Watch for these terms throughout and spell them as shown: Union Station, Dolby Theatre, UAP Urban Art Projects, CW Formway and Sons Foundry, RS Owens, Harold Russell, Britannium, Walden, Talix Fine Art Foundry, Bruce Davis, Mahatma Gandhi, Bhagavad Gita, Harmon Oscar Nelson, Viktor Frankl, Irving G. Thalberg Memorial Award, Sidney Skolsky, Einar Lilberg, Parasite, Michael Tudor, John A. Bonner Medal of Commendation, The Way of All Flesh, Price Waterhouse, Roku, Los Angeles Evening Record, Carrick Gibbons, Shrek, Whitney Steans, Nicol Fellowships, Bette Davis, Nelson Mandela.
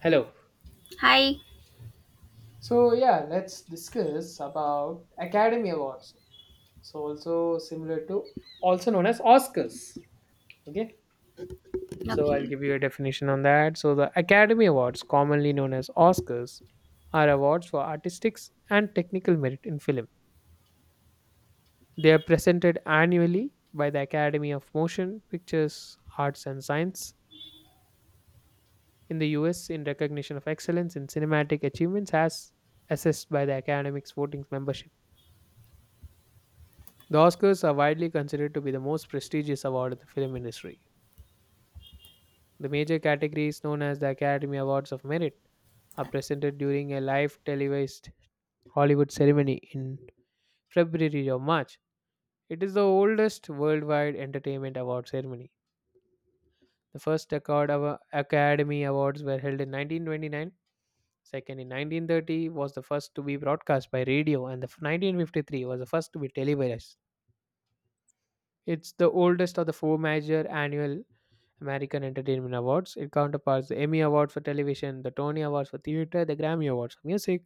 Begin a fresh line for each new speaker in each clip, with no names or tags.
Hello.
Hi.
So yeah, let's discuss about Academy Awards. So also similar to also known as Oscars. Okay. So I'll
Okay.
give you a definition on that. So the Academy Awards, commonly known as Oscars, are awards for artistic and technical merit in film. They are presented annually by the Academy of Motion Pictures, Arts and Science in the US in recognition of excellence in cinematic achievements as assessed by the Academy's voting membership. The Oscars are widely considered to be the most prestigious award in the film industry. The major categories, known as the Academy Awards of Merit, are presented during a live televised Hollywood ceremony in February or March. It is the oldest worldwide entertainment award ceremony. The first Academy Awards were held in 1929, second in 1930 was the first to be broadcast by radio, and the 1953 was the first to be televised. It's the oldest of the four major annual American Entertainment Awards. It counterparts the Emmy Award for Television, the Tony Awards for Theatre, the Grammy Awards for Music,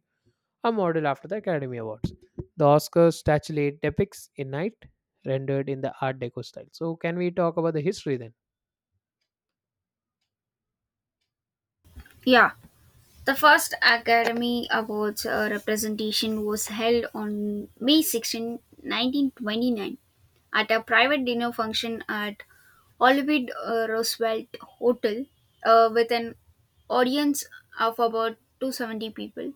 a model after the Academy Awards. The Oscars statuette depicts a night rendered in the Art Deco style. So, can we talk about the history then?
Yeah. The first Academy Awards representation was held on May 16, 1929, at a private dinner function at Olivet Roosevelt Hotel with an audience of about 270 people.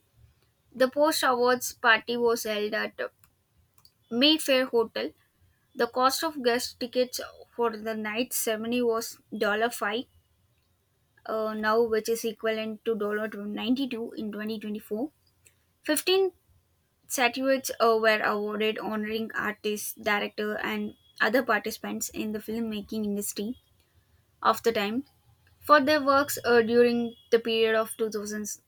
The post awards party was held at Mayfair Hotel. The cost of guest tickets for the night ceremony was $5 now, which is equivalent to dollar $92 in 2024. 15 statuettes were awarded honoring artists, director, and other participants in the filmmaking industry of the time for their works during the period of 2000s,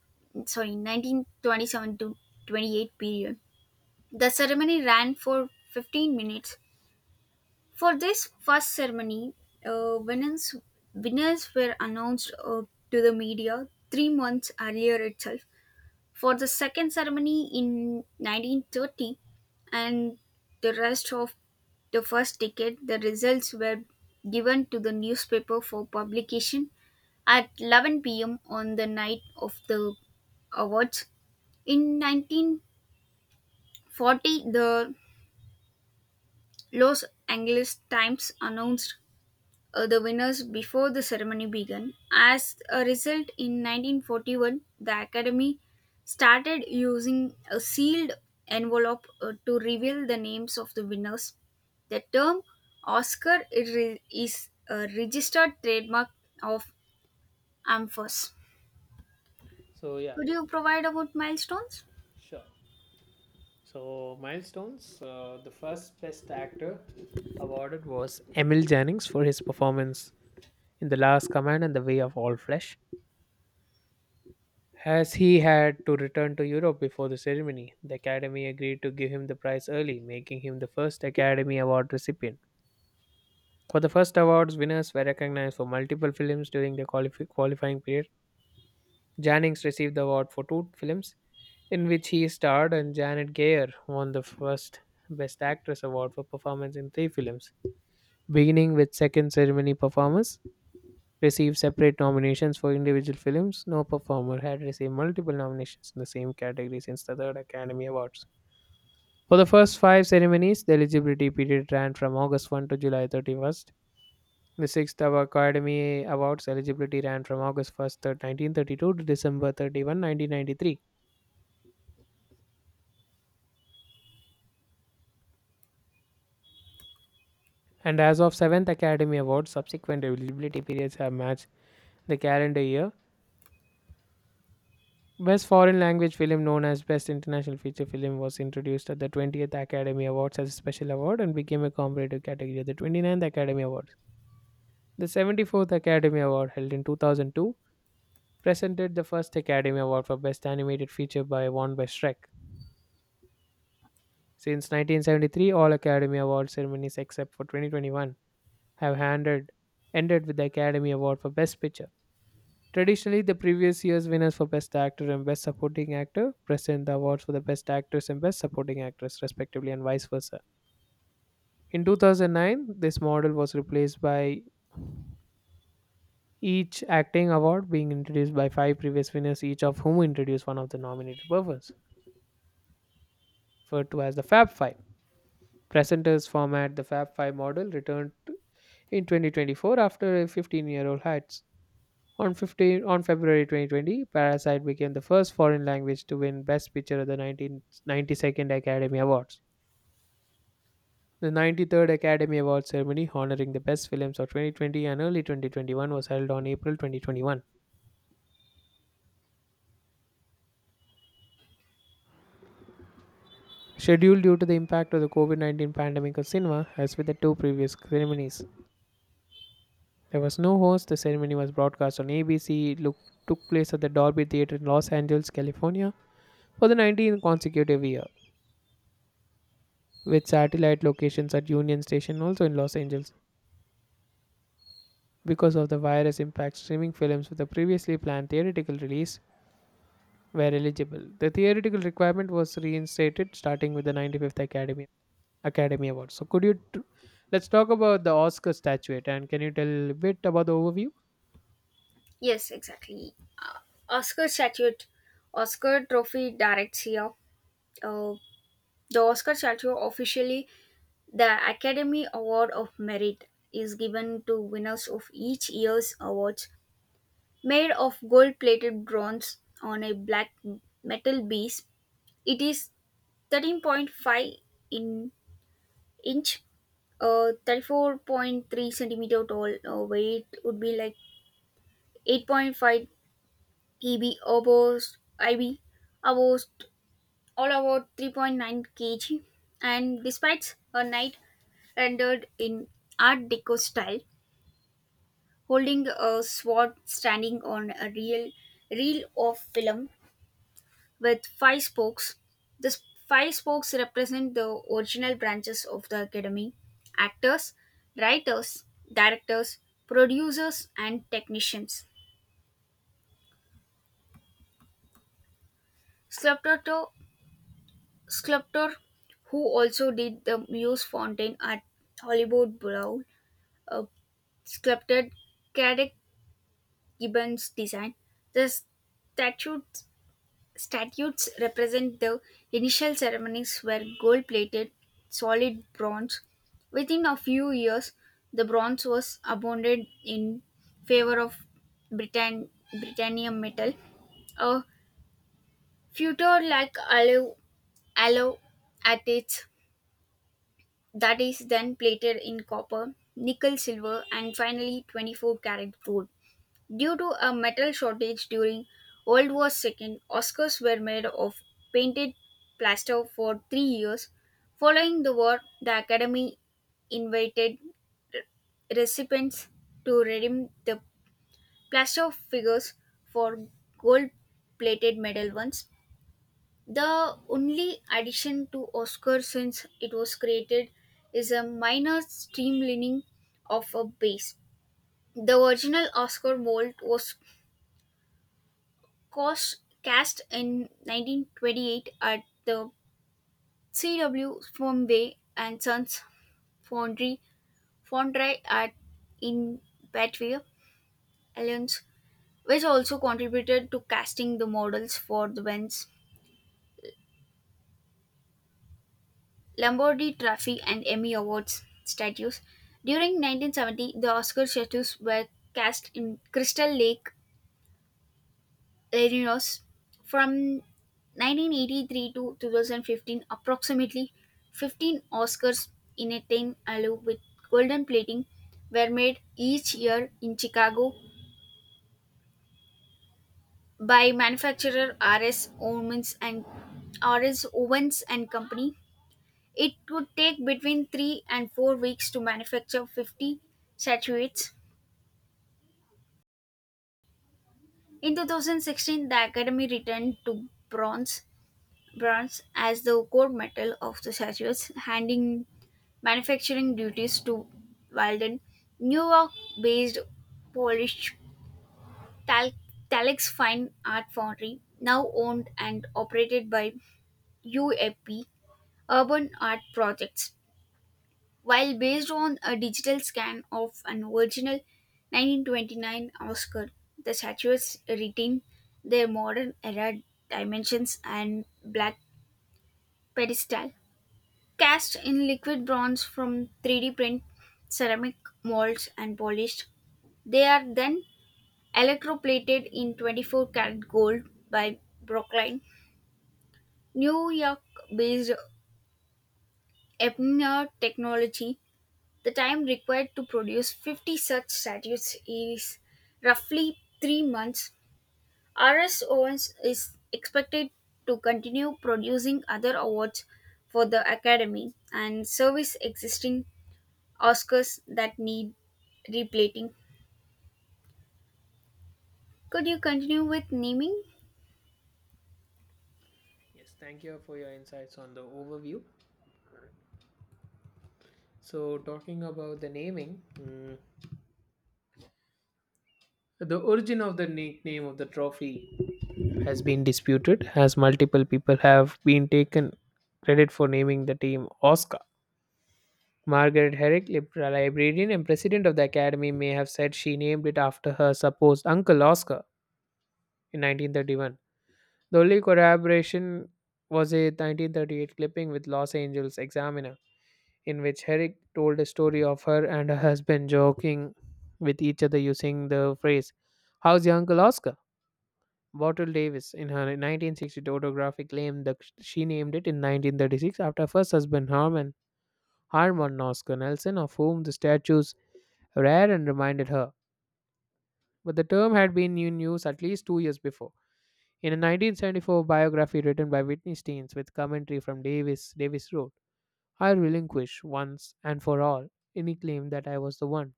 sorry, 1927 to 28 period. The ceremony ran for 15 minutes. For this first ceremony, uh, winners, winners were announced to the media 3 months earlier itself. For the second ceremony in 1930 and the rest of the first decade, the results were given to the newspaper for publication at 11 p.m. on the night of the awards. In 1940, the Los Angeles Times announced the winners before the ceremony began. As a result, in 1941, the Academy started using a sealed envelope to reveal the names of the winners. The term Oscar is a registered trademark of AMFOS.
So, yeah,
Could you provide about milestones?
sure. So, milestones. The first Best Actor awarded was Emil Jannings for his performance in The Last Command and The Way of All Flesh. As he had to return to Europe before the ceremony, the Academy agreed to give him the prize early, making him the first Academy Award recipient. For the first awards, winners were recognized for multiple films during the qualifying period. Jannings received the award for two films in which he starred, and Janet Gayer won the first Best Actress award for performance in three films, beginning with second ceremony performance received separate nominations for individual films. No performer had received multiple nominations in the same category since the third Academy Awards. For the first five ceremonies, the eligibility period ran from August 1 to July 31st. The sixth Academy Awards eligibility ran from August 1st, 1932 to December 31, 1993. And as of 7th Academy Awards, subsequent eligibility periods have matched the calendar year. Best foreign language film, known as Best International Feature Film, was introduced at the 20th Academy Awards as a special award and became a competitive category at the 29th Academy Awards. The 74th Academy Award, held in 2002, presented the first Academy Award for Best Animated Feature by won by Shrek. Since 1973, all Academy Award ceremonies except for 2021 have ended with the Academy Award for Best Picture. Traditionally, the previous year's winners for Best Actor and Best Supporting Actor present the awards for the Best Actors and Best Supporting Actress, respectively, and vice versa. In 2009, this model was replaced by each acting award being introduced by five previous winners, each of whom introduced one of the nominated performers, referred to as the Fab Five. Presenters format the Fab Five model returned in 2024 after a 15-year-old hiatus. On 15, on February 2020, Parasite became the first foreign language to win Best Picture at the 1992nd Academy Awards. The 93rd Academy Awards ceremony honoring the best films of 2020 and early 2021 was held on April 2021, scheduled due to the impact of the COVID-19 pandemic on cinema as with the two previous ceremonies. There was no host. The ceremony was broadcast on ABC. It took place at the Dolby Theatre in Los Angeles, California, for the 19th consecutive year, with satellite locations at Union Station also in Los Angeles. Because of the virus impact, streaming films with a previously planned theatrical release were eligible. The theatrical requirement was reinstated starting with the 95th Academy Award. So, let's talk about the Oscar statuette and can you tell a bit about the overview?
Yes, exactly. Oscar statute, Oscar trophy directs here. Uh, the Oscar statue officially. The Academy Award of Merit is given to winners of each year's awards. Made of gold plated bronze on a black metal base, it is 13.5 in inch, 34.3 centimeter tall, weight would be like 8.5 EB, almost IB, almost all about 3.9 kg. And despite a night rendered in Art Deco style, holding a sword standing on a reel of film with five spokes. The five spokes represent the original branches of the academy: actors, writers, directors, producers, and technicians. Sculptor, sculptor who also did the Muse Fountain at Hollywood Brow, uh, sculpted Carrick Gibbons' design. The statue Statues represent the initial ceremonies were gold plated, solid bronze. Within a few years, the bronze was abandoned in favor of Britannium metal, a future like alloy at its that is then plated in copper, nickel, silver, and finally 24 karat gold. Due to a metal shortage during World War II, Oscars were made of painted plaster for 3 years. Following the war, the Academy invited recipients to redeem the plaster figures for gold plated medal ones. The only addition to Oscar since it was created is a minor streamlining of a base. The original Oscar mold was cos- cast in 1928 at the CW Formway and Sons Foundry Foundry at in Batavia, Alliance, which also contributed to casting the models for the Vents, Lombardi Trophy and Emmy Awards statues. During 1970, the Oscar statues were cast in Crystal Lake Latinos from 1983 to 2015, approximately 15 Oscars in a 10 allo with golden plating were made each year in Chicago by manufacturer RS Owens and Company. It would take between 3 and 4 weeks to manufacture 50 statuettes. In 2016, the Academy returned to bronze bronze as the core metal of the statues, handing manufacturing duties to Walden. New York based Polish Tal- Talix Fine Art Foundry, now owned and operated by UAP Urban Art Projects. While based on a digital scan of an original 1929 Oscar, the statues retain their modern era dimensions and black pedestal. Cast in liquid bronze from 3D print ceramic molds and polished, they are then electroplated in 24 karat gold by Brookline, New York based Ebner Technology. The time required to produce 50 such statues is roughly 3 months. RS Owens is expected to continue producing other awards for the Academy and service existing Oscars that need replating. Could you continue with naming?
Yes, thank you for your insights on the overview. So, talking about the naming, the origin of the nickname of the trophy has been disputed, as multiple people have been taken credit for naming the team Oscar. Margaret Herrick, librarian and president of the Academy, may have said she named it after her supposed uncle Oscar in 1931. The only corroboration was a 1938 clipping with Los Angeles Examiner, in which Herrick told a story of her and her husband joking with each other using the phrase, "How's your uncle Oscar?" Bottle Davis, in her 1962 autographic, claimed that she named it in 1936 after her first husband Harmon, Harmon Oscar Nelson, of whom the statue Rare and reminded her. But the term had been in use at least 2 years before. In a 1974 biography written by Whitney Steens with commentary from Davis, Davis wrote, "I relinquish once and for all any claim that I was the one.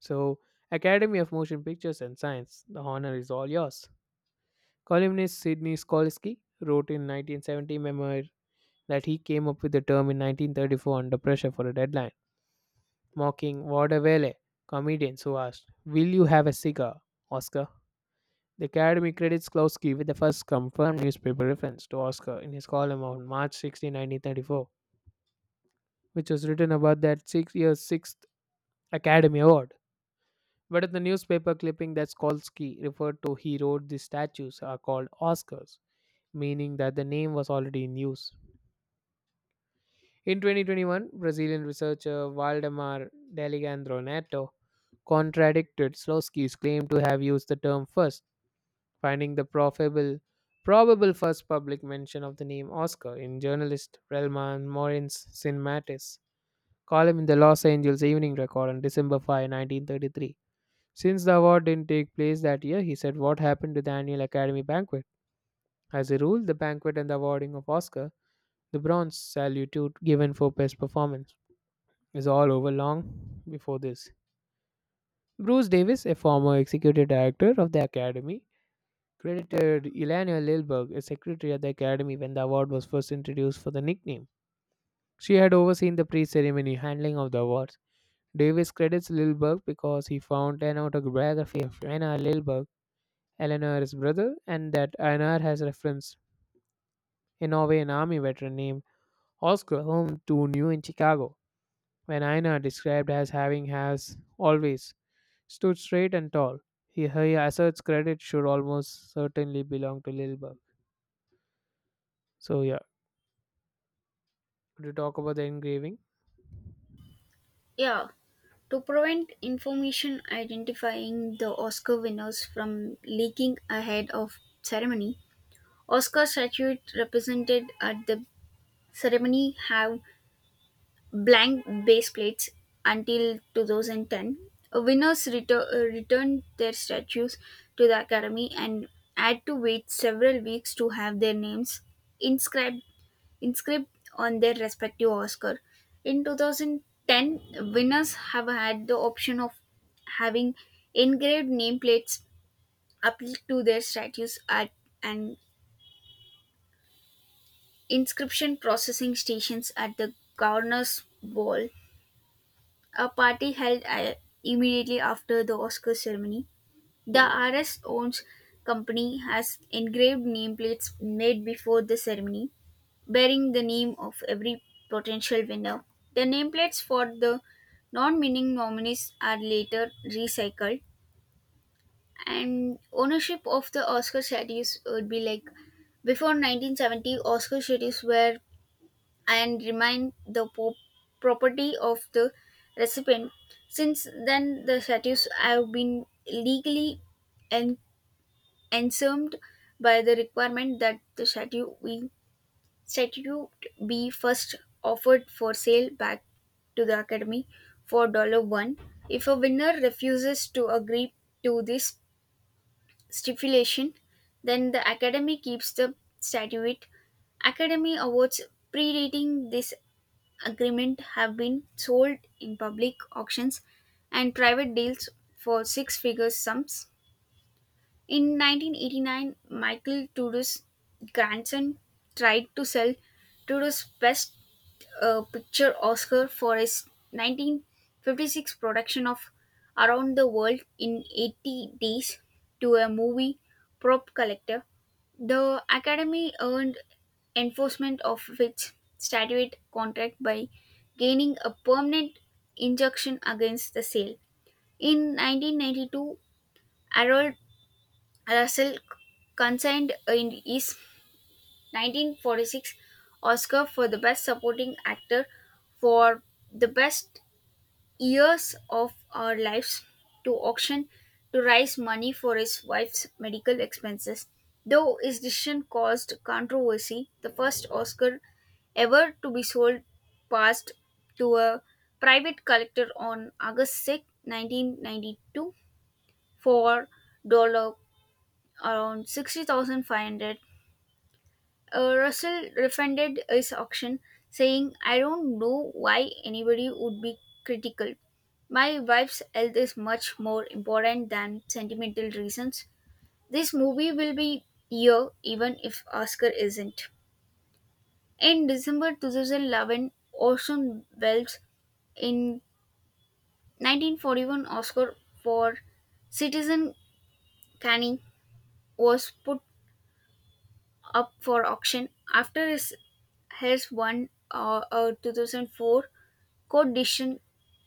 So, Academy of Motion Pictures and Science, the honor is all yours." Columnist Sidney Skolsky wrote in 1970 memoir that he came up with the term in 1934 under pressure for a deadline, mocking vaudeville comedians who asked, "Will you have a cigar, Oscar?" The Academy credits Klosky with the first confirmed newspaper reference to Oscar in his column on March 16, 1934, which was written about that 6 year's sixth Academy Award. But in the newspaper clipping that Skolsky referred to, he wrote the statues are called Oscars, meaning that the name was already in use. In 2021, Brazilian researcher Waldemar D'Alessandro Neto contradicted Slowski's claim to have used the term first, finding the probable first public mention of the name Oscar in journalist Relman Morin's Cinematis column in the Los Angeles Evening Record on December 5, 1933. Since the award didn't take place that year, he said, "What happened to the annual Academy banquet? As a rule, the banquet and the awarding of Oscar, the bronze salute given for best performance, is all over long before this." Bruce Davis, a former executive director of the Academy, credited Elena Lilberg, a secretary at the Academy when the award was first introduced, for the nickname. She had overseen the pre ceremony handling of the awards. Davis credits Lilberg because he found an autobiography of Einar Lilberg, Eleanor's brother, and that Einar has referenced in Norway an army veteran named Oscar, whom two knew in Chicago, when Einar described as having has always stood straight and tall. He asserts credit should almost certainly belong to Lilberg. So yeah. Could you talk about the engraving?
Yeah. To prevent information identifying the Oscar winners from leaking ahead of ceremony, Oscar statues represented at the ceremony have blank base plates until 2010. Winners return their statues to the academy and had to wait several weeks to have their names inscribed inscribed on their respective Oscar. In 2010, winners have had the option of having engraved nameplates applied to their statues at an inscription processing stations at the governor's ball, a party held immediately after the Oscar ceremony. The RS owns company has engraved nameplates made before the ceremony bearing the name of every potential winner. The nameplates for the non winning nominees are later recycled, and ownership of the Oscar statues would be like before 1970, Oscar statues were and remained the property of the recipient. Since then, the statues have been legally en- ensumed by the requirement that the statue be Statue B first offered for sale back to the Academy for $1. If a winner refuses to agree to this stipulation, then the Academy keeps the statuette. Academy awards predating this agreement have been sold in public auctions and private deals for six figure sums. In 1989, Michael Tudor's grandson tried to sell Tudor's best a picture Oscar for his 1956 production of Around the World in 80 Days to a Movie Prop Collector. The Academy earned enforcement of its statute contract by gaining a permanent injunction against the sale. In 1992, Harold Russell consigned in his 1946 Oscar for the Best Supporting Actor for the best years of our lives to auction to raise money for his wife's medical expenses. Though his decision caused controversy, the first Oscar ever to be sold passed to a private collector on August 6, 1992 for dollar around 60,500. Russell refunded his auction, saying, "I don't know why anybody would be critical. My wife's health is much more important than sentimental reasons. This movie will be here even if Oscar isn't." In December 2011, Orson Welles in 1941 Oscar for Citizen Kane was put up for auction after his has won a 2004 court decision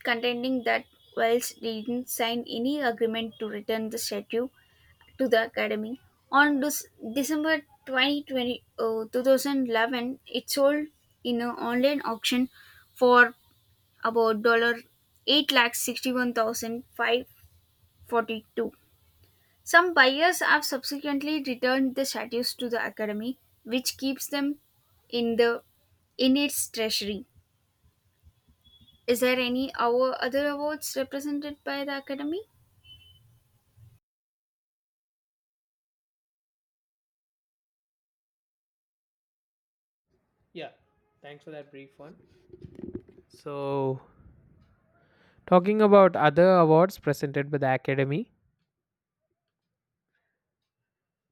contending that Wells didn't sign any agreement to return the statue to the Academy. On this December 2020, 2011, it sold in an online auction for about dollar eight lakh sixty-one thousand five forty-two. Some buyers have subsequently returned the statues to the Academy, which keeps them in the in its treasury. Is there any our other awards represented by the Academy?
Yeah, thanks for that brief one. So, talking about other awards presented by the Academy,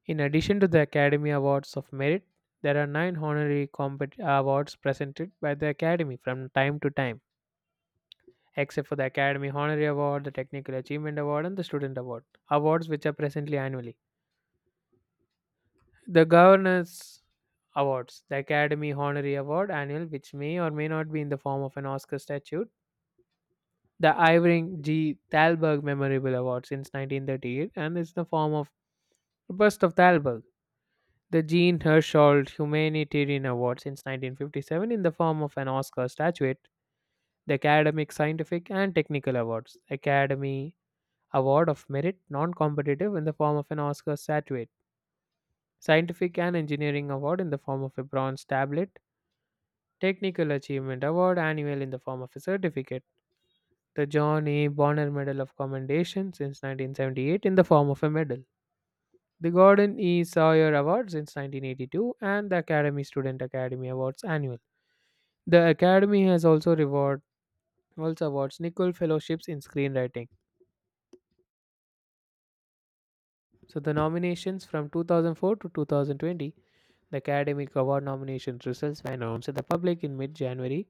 in addition to the Academy Awards of Merit, there are nine honorary awards presented by the Academy from time to time, except for the Academy Honorary Award, the Technical Achievement Award, and the Student Award, awards which are presently annually. The Governors Awards, the Academy Honorary Award annual, which may or may not be in the form of an Oscar statue, the Irving G. Thalberg Memorial Award since 1938 and is the form of the Bust of Thalberg. The Jean Hersholt Humanitarian Award since 1957 in the form of an Oscar statuette. The Academic, Scientific, and Technical Awards. Academy Award of Merit, non competitive, in the form of an Oscar statuette. Scientific and Engineering Award in the form of a bronze tablet. Technical Achievement Award, annual, in the form of a certificate. The John A. Bonner Medal of Commendation since 1978 in the form of a medal, the Gordon E. Sawyer Award since 1982, and the Academy Student Academy Awards annual. The Academy has also awards Nicol Fellowships in screenwriting. So the nominations from 2004 to 2020, the Academic Award nomination results were announced to the public in mid-January.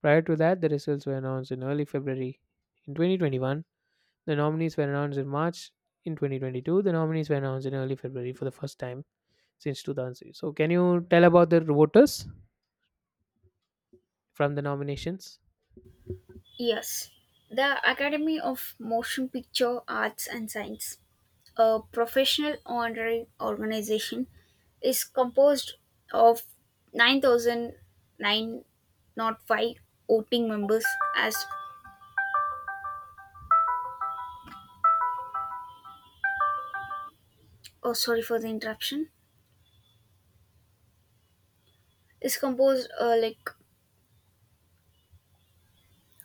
Prior to that, the results were announced in early February in 2021. The nominees were announced in March in 2022. The nominees were announced in early February for the first time since 2003. So, can you tell about the voters from the nominations?
Yes, the Academy of Motion Picture Arts and Science, a professional honorary organization, is composed of 9,009, not five, voting members as, oh, sorry for the interruption, is composed like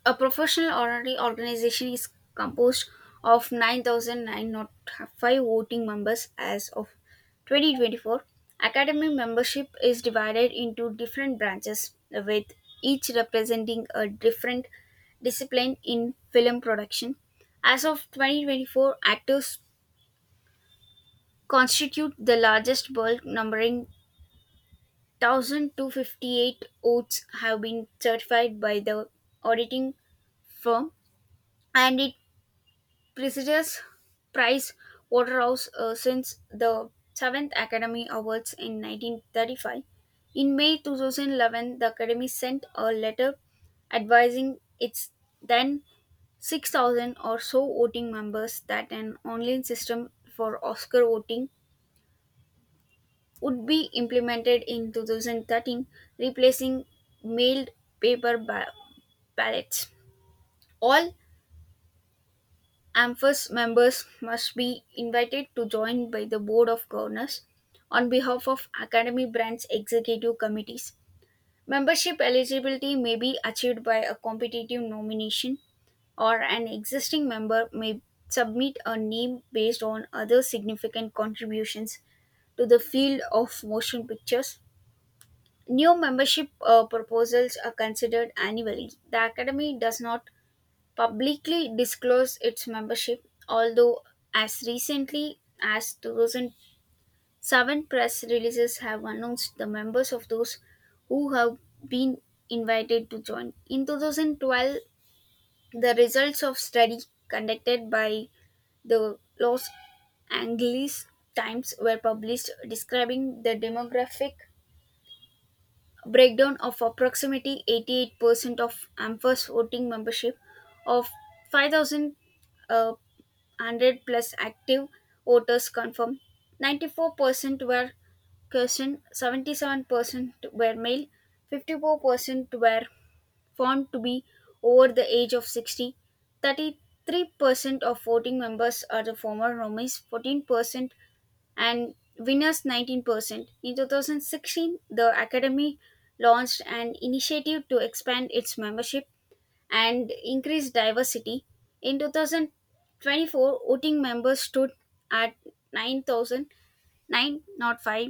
a professional orary organization is composed of 9,905 voting members as of 2024. Academic membership is divided into different branches, with each representing a different discipline in film production. As of 2024, actors constitute the largest bulk, numbering 1,258 oaths have been certified by the auditing firm, and it prestigious Price Waterhouse since the seventh Academy Awards in 1935. In May 2011, the Academy sent a letter advising its then 6,000 or so voting members that an online system for Oscar voting would be implemented in 2013, replacing mailed paper ballots. All AMFAS members must be invited to join by the Board of Governors on behalf of Academy Branch Executive Committees. Membership eligibility may be achieved by a competitive nomination, or an existing member may submit a name based on other significant contributions to the field of motion pictures. New membership proposals are considered annually. The Academy does not publicly disclose its membership, although as recently as 2007 press releases have announced the members of those who have been invited to join. In 2012, the results of study conducted by the Los Angeles Times were published describing the demographic breakdown of approximately 88% of AMFA's voting membership of 5,000 100 plus active voters confirmed. 94% were Christian, 77% were male, 54% were found to be over the age of 60, 33% of voting members are the former nominees, 14%, and winners 19%. In 2016, the Academy launched an initiative to expand its membership and increased diversity. In 2024, voting members stood at 9,905.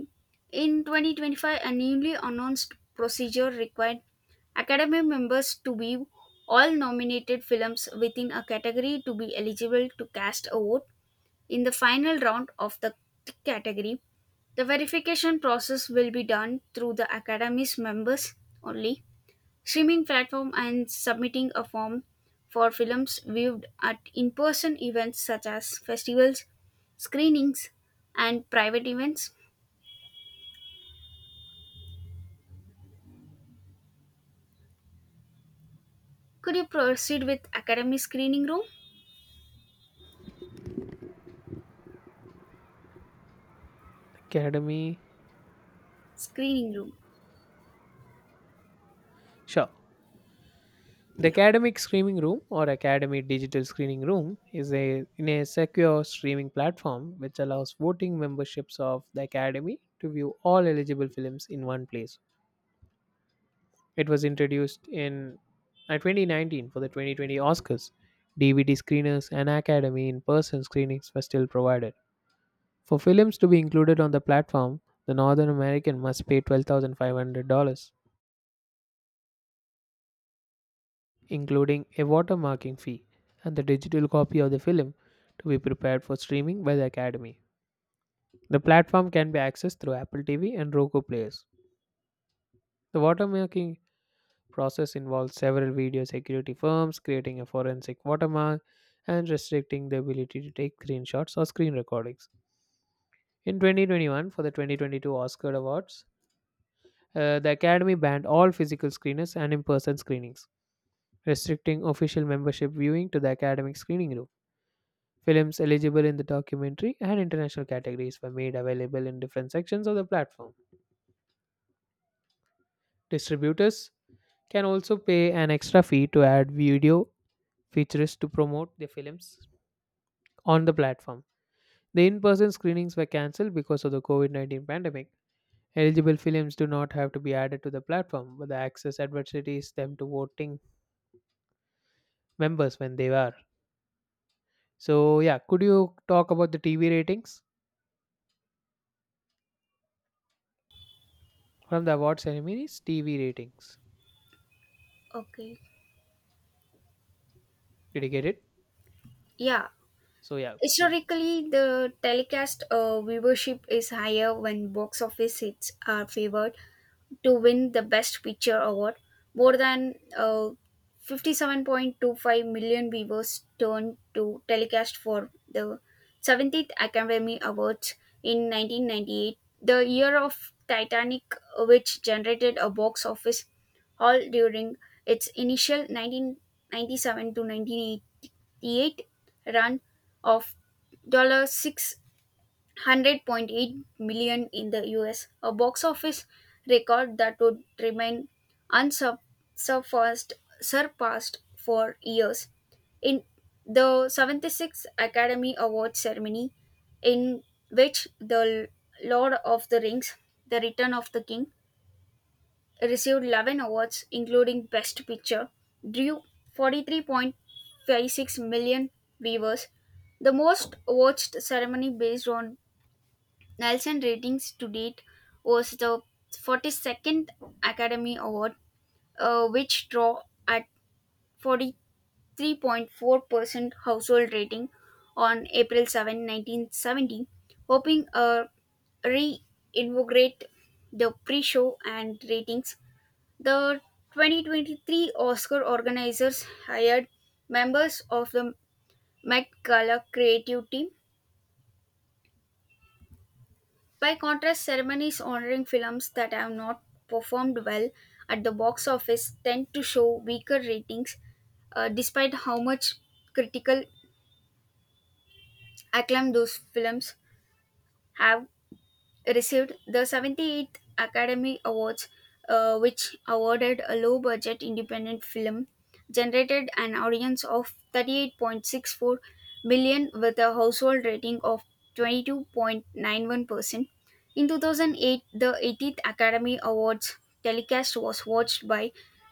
In 2025, a newly announced procedure required Academy members to view all nominated films within a category to be eligible to cast a vote in the final round of the category. The verification process will be done through the Academy's members only streaming platform and submitting a form for films viewed at in-person events such as festivals, screenings, and private events. Could you proceed with academy screening room?
Academy.
Screening room.
Sure. The
Yeah.
academic Screening room or academy digital screening room is a in a secure streaming platform which allows voting memberships of the academy to view all eligible films in one place. It was introduced in 2019 for the 2020 Oscars. DVD screeners and academy in-person screenings were still provided. For films to be included on the platform, the Northern American must pay $12,500 including a watermarking fee and the digital copy of the film to be prepared for streaming by the Academy. The platform can be accessed through Apple TV and Roku players. The watermarking process involves several video security firms creating a forensic watermark and restricting the ability to take screenshots or screen recordings. In 2021, for the 2022 Oscar Awards, the Academy banned all physical screeners and in person screenings, restricting official membership viewing to the academic screening room. Films eligible in the documentary and international categories were made available in different sections of the platform. Distributors can also pay an extra fee to add video features to promote their films on the platform. The in person screenings were cancelled because of the COVID-19 pandemic. Eligible films do not have to be added to the platform, but the access adversities them to voting members when they are. So, yeah, could you talk about the TV ratings from the award ceremonies? TV ratings.
Okay.
Did you get it?
Yeah.
So, yeah, please.
Historically, the telecast viewership is higher when box office hits are favored to win the Best Picture award. More than 57.25 million viewers turned to telecast for the 17th Academy Awards in 1998, the year of Titanic, which generated a box office haul during its initial 1997 to 1988 run of 6 100.8 million in the US, a box office record that would remain unsurpassed surpassed for years. In the 76th Academy Awards ceremony, in which the Lord of the Rings, The Return of the King, received 11 awards, including Best Picture, drew 43.56 million viewers, the most watched ceremony based on Nelson ratings to date was the 42nd Academy Award, which draw at 43.4% household rating on April 7, 1970, hoping reinvigorate the pre-show and ratings. The 2023 Oscar organizers hired members of the Met Gala creative team. By contrast, ceremonies honoring films that have not performed well at the box office tend to show weaker ratings, despite how much critical acclaim those films have received. The 78th Academy Awards, which awarded a low budget independent film, generated an audience of 38.64 million with a household rating of 22.91%. In 2008, the 18th Academy Awards telecast was watched by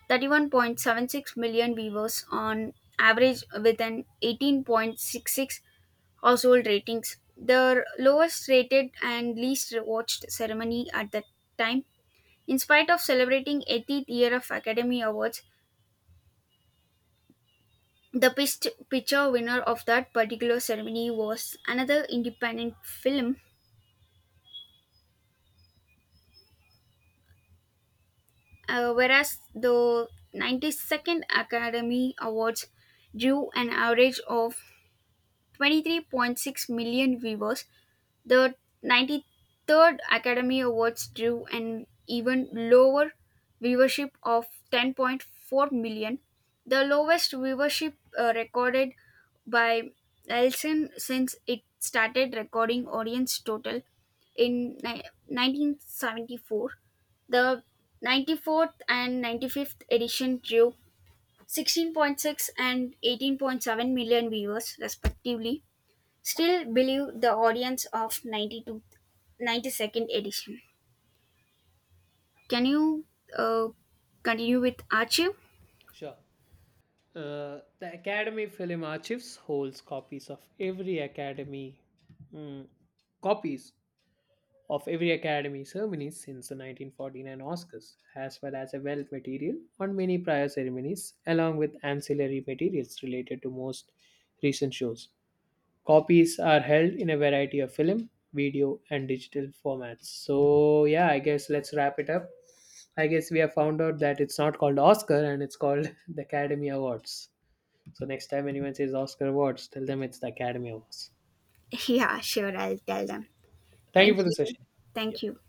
31.76 million viewers on average with an 18.66 Household ratings. The lowest rated and least watched ceremony at that time. In spite of celebrating 80th year of Academy Awards, the best picture winner of that particular ceremony was another independent film, whereas the 92nd Academy Awards drew an average of 23.6 million viewers. The 93rd Academy Awards drew an even lower viewership of 10.4 million, the lowest viewership recorded by Nielsen since it started recording audience total in ni- 1974. The 94th and 95th edition drew 16.6 and 18.7 million viewers, respectively, still believe the audience of 92nd edition. Can you uh, continue with Archie?
Sure. The Academy Film Archives holds mm, copies of every Academy ceremony since the 1949 Oscars, as well as a wealth material on many prior ceremonies, along with ancillary materials related to most recent shows. Copies are held in a variety of film, video, and digital formats. So, yeah, I guess let's wrap it up. I guess we have found out that it's not called Oscar and it's called the Academy Awards. So next time anyone says Oscar Awards, tell them it's the Academy Awards.
Yeah, sure, I'll tell them.
Thank you
Thank
for the
you.
session. Yeah.
Thank you.